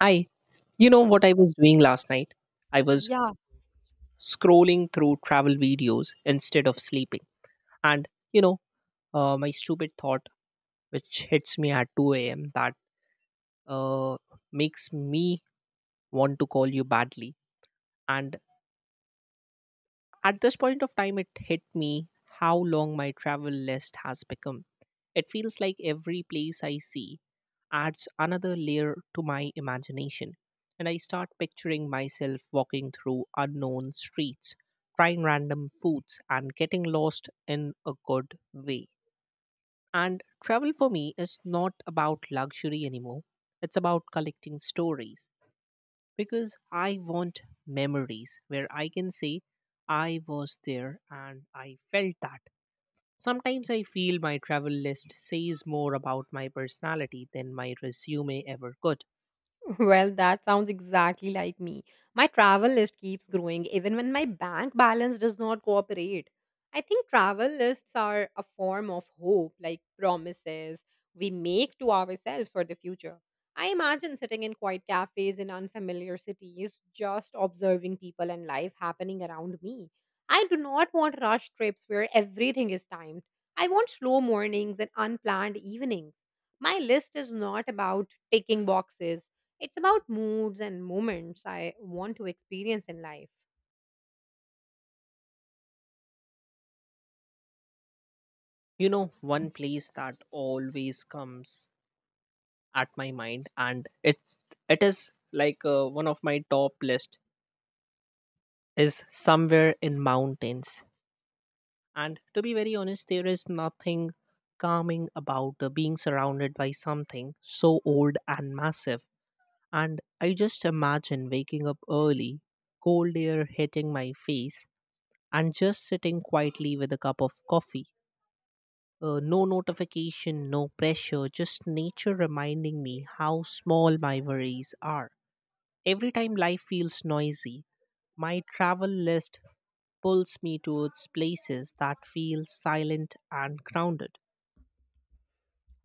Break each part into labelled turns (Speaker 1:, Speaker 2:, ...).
Speaker 1: Hi, you know what I was doing last night? I was
Speaker 2: Ja,
Speaker 1: scrolling through travel videos instead of sleeping. And, my stupid thought, which hits me at 2 a.m., that uh, makes me want to call you badly. And at this point of time, it hit me how long my travel list has become. It feels like every place I see adds another layer to my imagination, and I start picturing myself walking through unknown streets, trying random foods, and getting lost in a good way. And travel for me is not about luxury anymore, it's about collecting stories because I want memories where I can say I was there and I felt that. Sometimes I feel my travel list says more about my personality than my resume ever could.
Speaker 2: well, that sounds exactly like me. My travel list keeps growing even when my bank balance does not cooperate. I think travel lists are a form of hope, like promises we make to ourselves for the future. I imagine sitting in quiet cafes in unfamiliar cities, just observing people and life happening around me. I do not want rush trips where everything is timed. I want slow mornings and unplanned evenings. My list is not about ticking boxes, it's about moods and moments I want to experience in life.
Speaker 1: You know, one place that always comes at my mind, and it is like one of my top list, is somewhere in mountains. And to be very honest, there is nothing calming about being surrounded by something so old and massive. And I just imagine waking up early, cold air hitting my face, and just sitting quietly with a cup of coffee. No notification, no pressure, just nature reminding me how small my worries are. Every time life feels noisy, my travel list pulls me towards places that feel silent and grounded.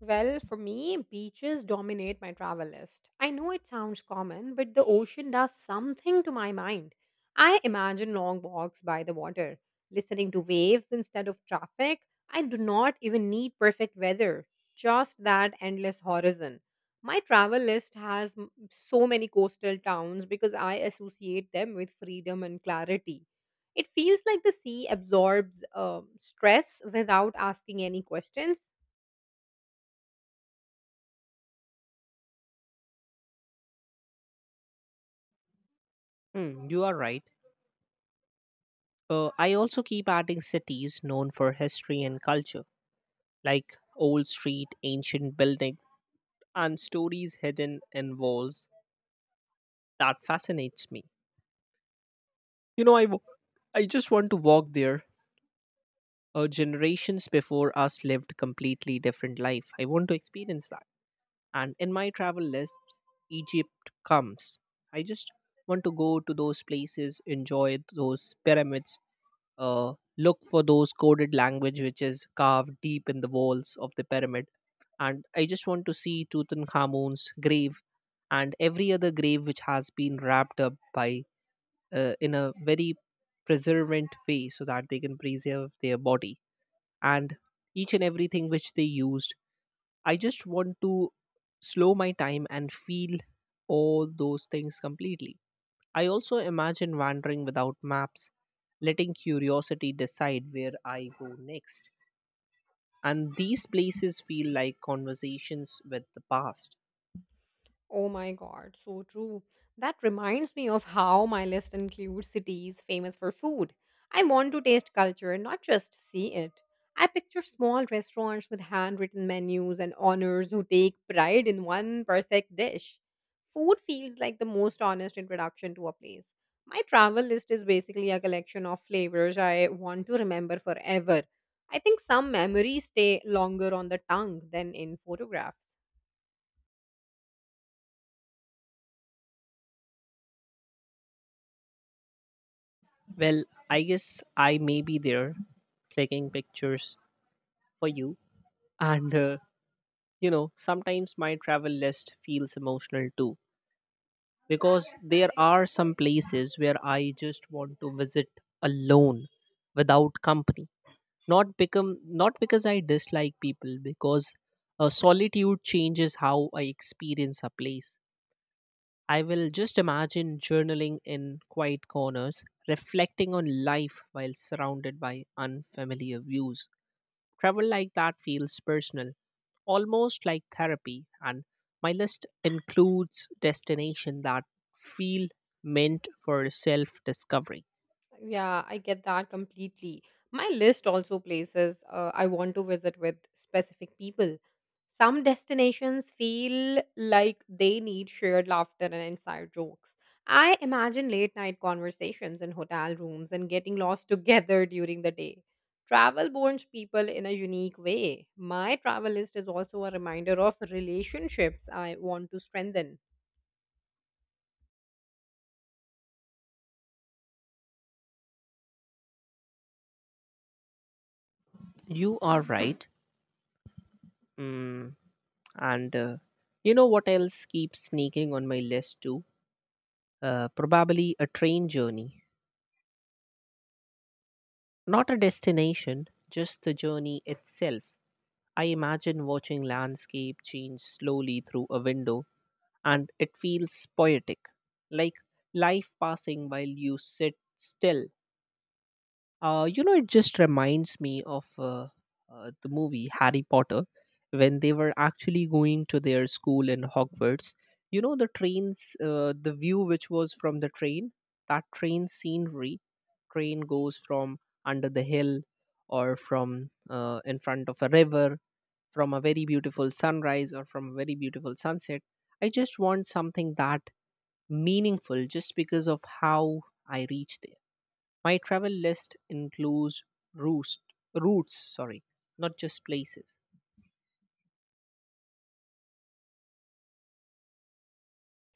Speaker 2: Well, for me, beaches dominate my travel list. I know it sounds common, but the ocean does something to my mind. I imagine long walks by the water, listening to waves instead of traffic. I do not even need perfect weather, just that endless horizon. My travel list has so many coastal towns because I associate them with freedom and clarity. It feels like the sea absorbs stress without asking any questions.
Speaker 1: Hmm, you are right. I also keep adding cities known for history and culture, like old street, ancient building, and stories hidden in walls. That fascinates me. You know, I just want to walk there. Generations before us lived completely different life. I want to experience that. And in my travel lists, Egypt comes. I just want to go to those places, enjoy those pyramids, look for those coded language which is carved deep in the walls of the pyramid, and I just want to see Tutankhamun's grave and every other grave which has been wrapped up by, in a very preservant way, so that they can preserve their body and each and everything which they used. I just want to slow my time and feel all those things completely. I also imagine wandering without maps, letting curiosity decide where I go next. And these places feel like conversations with the past.
Speaker 2: Oh my god, so true. That reminds me of how my list includes cities famous for food. I want to taste culture, not just see it. I picture small restaurants with handwritten menus and owners who take pride in one perfect dish. Food feels like the most honest introduction to a place. My travel list is basically a collection of flavors I want to remember forever. I think some memories stay longer on the tongue than in photographs.
Speaker 1: Well, I guess I may be there clicking pictures for you. And you know, sometimes my travel list feels emotional too, because there are some places where I just want to visit alone without company. Not become not because I dislike people, because solitude changes how I experience a place. I will just imagine journaling in quiet corners, reflecting on life while surrounded by unfamiliar views. Travel like that feels personal, almost like therapy, and my list includes destinations that feel meant for self discovery.
Speaker 2: Yeah, I get that completely. My list also places I want to visit with specific people. Some destinations feel like they need shared laughter and inside jokes. I imagine late night conversations in hotel rooms and getting lost together during the day. Travel bonds people in a unique way. My travel list is also a reminder of relationships I want to strengthen.
Speaker 1: You are right. Mm, and you know what else keeps sneaking on my list too? Probably a train journey. Not a destination, just the journey itself. I imagine watching landscape change slowly through a window, and it feels poetic, like life passing while you sit still. It just reminds me of the movie Harry Potter, when they were actually going to their school in Hogwarts. The trains, the view which was from the train, that train scenery, train goes from under the hill or from in front of a river, from a very beautiful sunrise or from a very beautiful sunset. I just want something that meaningful just because of how I reach there. My travel list includes roost, routes, sorry, not just places.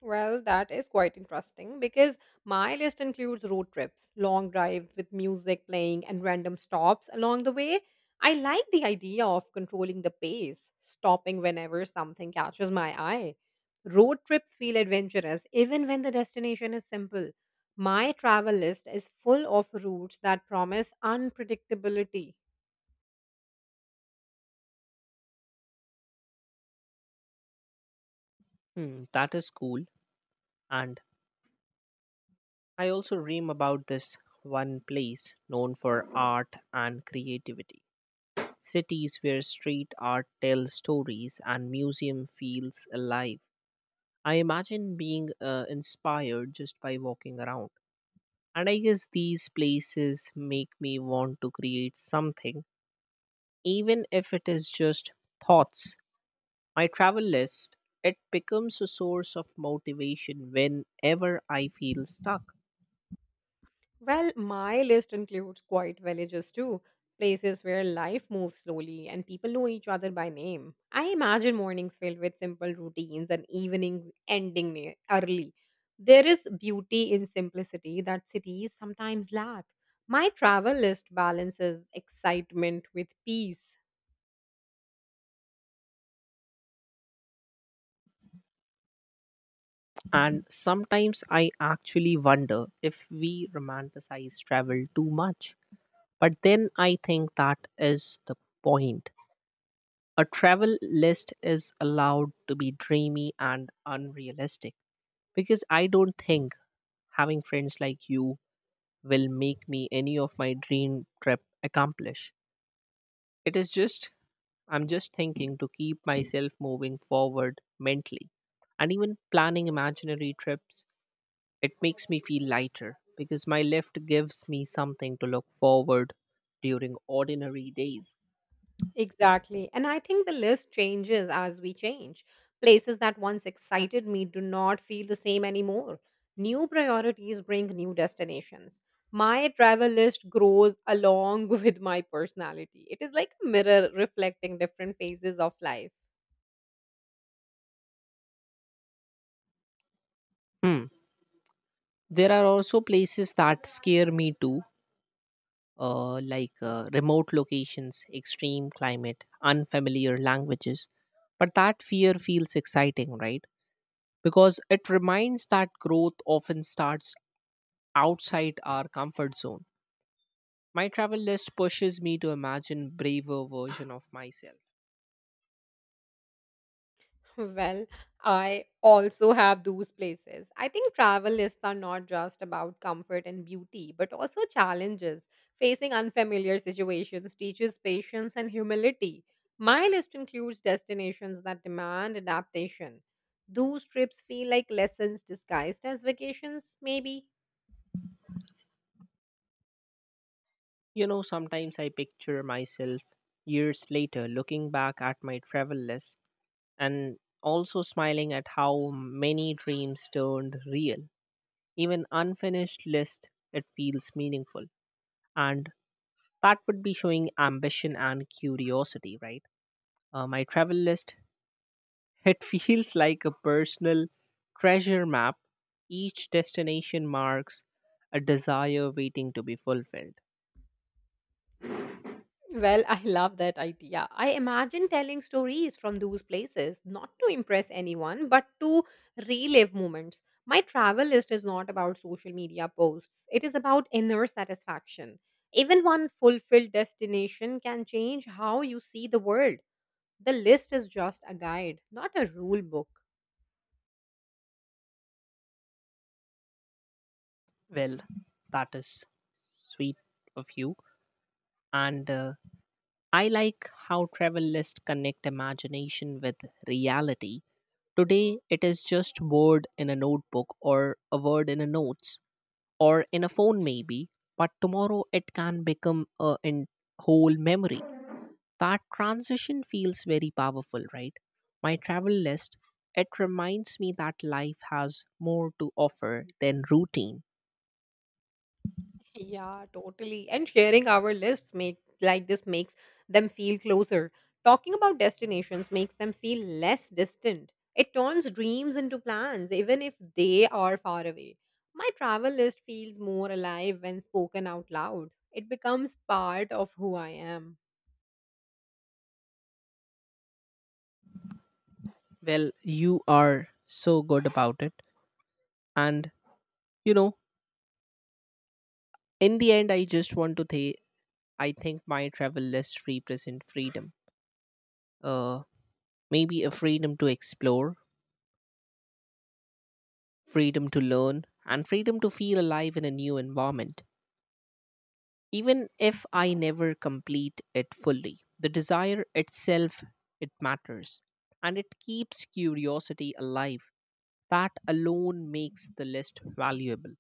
Speaker 2: Well, that is quite interesting because my list includes road trips, long drives with music playing, and random stops along the way. I like the idea of controlling the pace, stopping whenever something catches my eye. Road trips feel adventurous even when the destination is simple. My travel list is full of routes that promise unpredictability.
Speaker 1: Hmm, that is cool. And I also dream about this one place known for art and creativity. Cities where street art tells stories and museum feels alive. I imagine being inspired just by walking around. And I guess these places make me want to create something, even if it is just thoughts. My travel list, it becomes a source of motivation whenever I feel stuck.
Speaker 2: Well, my list includes quiet villages too, places where life moves slowly and people know each other by name. I imagine mornings filled with simple routines and evenings early. There is beauty in simplicity that cities sometimes lack. My travel list balances excitement with peace.
Speaker 1: And sometimes I actually wonder if we romanticize travel too much. But then I think that is the point. A travel list is allowed to be dreamy and unrealistic, because I don't think having friends like you will make me any of my dream trip accomplish. It is just I'm just thinking to keep myself moving forward mentally. And even planning imaginary trips, it makes me feel lighter because my lift gives me something to look forward during ordinary days.
Speaker 2: Exactly. And I think the list changes as we change. Places that once excited me do not feel the same anymore. New priorities bring new destinations. My travel list grows along with my personality. It is like a mirror reflecting different phases of life.
Speaker 1: Hmm. There are also places that scare me too, like remote locations, extreme climate, unfamiliar languages. But that fear feels exciting, right? Because it reminds that growth often starts outside our comfort zone. My travel list pushes me to imagine braver version of myself.
Speaker 2: Well, I also have those places. I think travel lists are not just about comfort and beauty, but also challenges. Facing unfamiliar situations teaches patience and humility. My list includes destinations that demand adaptation. Those trips feel like lessons disguised as vacations, maybe.
Speaker 1: You know, sometimes I picture myself years later looking back at my travel list, and also smiling at how many dreams turned real. Even unfinished list, it feels meaningful, and that would be showing ambition and curiosity, right? My travel list, it feels like a personal treasure map. Each destination marks a desire waiting to be fulfilled.
Speaker 2: Well, I love that idea. I imagine telling stories from those places, not to impress anyone, but to relive moments. My travel list is not about social media posts, it is about inner satisfaction. Even one fulfilled destination can change how you see the world. The list is just a guide, not a rule book.
Speaker 1: Well, that is sweet of you. And I like how travel lists connect imagination with reality. Today, it is just word in a notebook or a word in a notes or in a phone, maybe. But tomorrow, it can become a whole memory. That transition feels very powerful, right? My travel list, it reminds me that life has more to offer than routine.
Speaker 2: Yeah, totally. And sharing our lists make like this makes them feel closer. Talking about destinations makes them feel less distant. It turns dreams into plans, even if they are far away. My travel list feels more alive when spoken out loud. It becomes part of who I am.
Speaker 1: Well, you are so good about it. And, you know, in the end, I just want to say I think my travel list represent freedom. Uh, Maybe a freedom to explore, freedom to learn, and freedom to feel alive in a new environment, even if I never complete it fully. The desire itself, it matters, and it keeps curiosity alive. That alone makes the list valuable.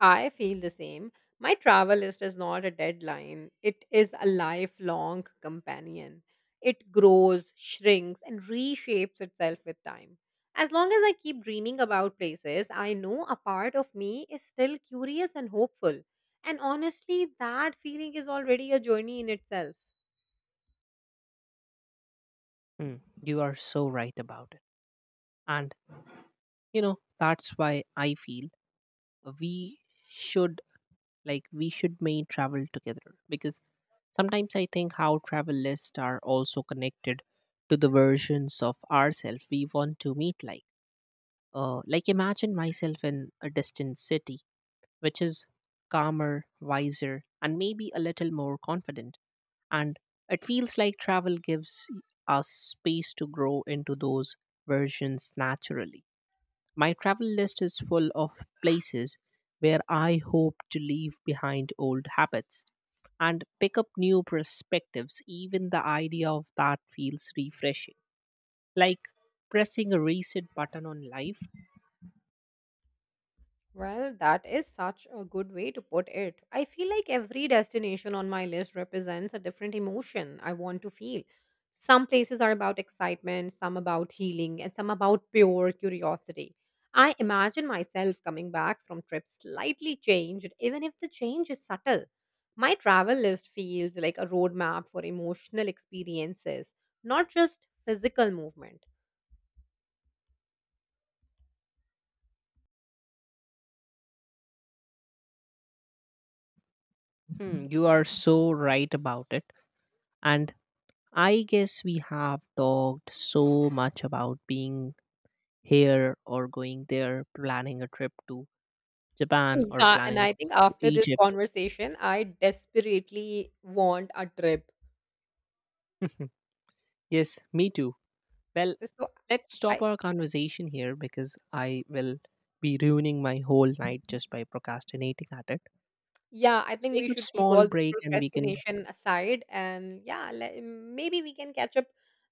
Speaker 2: I feel the same. My travel list is not a deadline, it is a lifelong companion. It grows, shrinks, and reshapes itself with time. As long as I keep dreaming about places, I know a part of me is still curious and hopeful. And honestly, that feeling is already a journey in itself.
Speaker 1: Hmm, you are so right about it. And you know, that's why I feel we should, like we should may travel together, because sometimes I think how travel lists are also connected to the versions of ourselves we want to meet, like imagine myself in a distant city, which is calmer, wiser, and maybe a little more confident. And it feels like travel gives us space to grow into those versions naturally. My travel list is full of places where I hope to leave behind old habits and pick up new perspectives. Even the idea of that feels refreshing, like pressing a reset button on life.
Speaker 2: Well, that is such a good way to put it. I feel like every destination on my list represents a different emotion I want to feel. Some places are about excitement, some about healing, and some about pure curiosity. I imagine myself coming back from trips slightly changed, even if the change is subtle. My travel list feels like a roadmap for emotional experiences, not just physical movement.
Speaker 1: Hmm, you are so right about it. And I guess we have talked so much about being here or going there, planning a trip to Japan or
Speaker 2: Yeah, and
Speaker 1: planning a
Speaker 2: I
Speaker 1: trip
Speaker 2: think
Speaker 1: to
Speaker 2: after this
Speaker 1: Egypt.
Speaker 2: conversation, I desperately want a trip.
Speaker 1: Yes, me too. Well,
Speaker 2: So
Speaker 1: let's stop
Speaker 2: I
Speaker 1: our conversation here because I will be ruining my whole night just by procrastinating at it.
Speaker 2: Yeah, I
Speaker 1: Let's
Speaker 2: think we
Speaker 1: take a
Speaker 2: should keep
Speaker 1: small
Speaker 2: all this
Speaker 1: break and we can,
Speaker 2: procrastination aside, and yeah, maybe we can catch up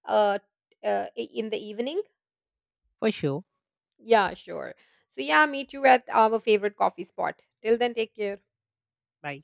Speaker 2: uh, in the evening.
Speaker 1: for sure.
Speaker 2: Yeah, sure. So yeah, meet you at our favorite coffee spot. Till then, take care.
Speaker 1: Bye.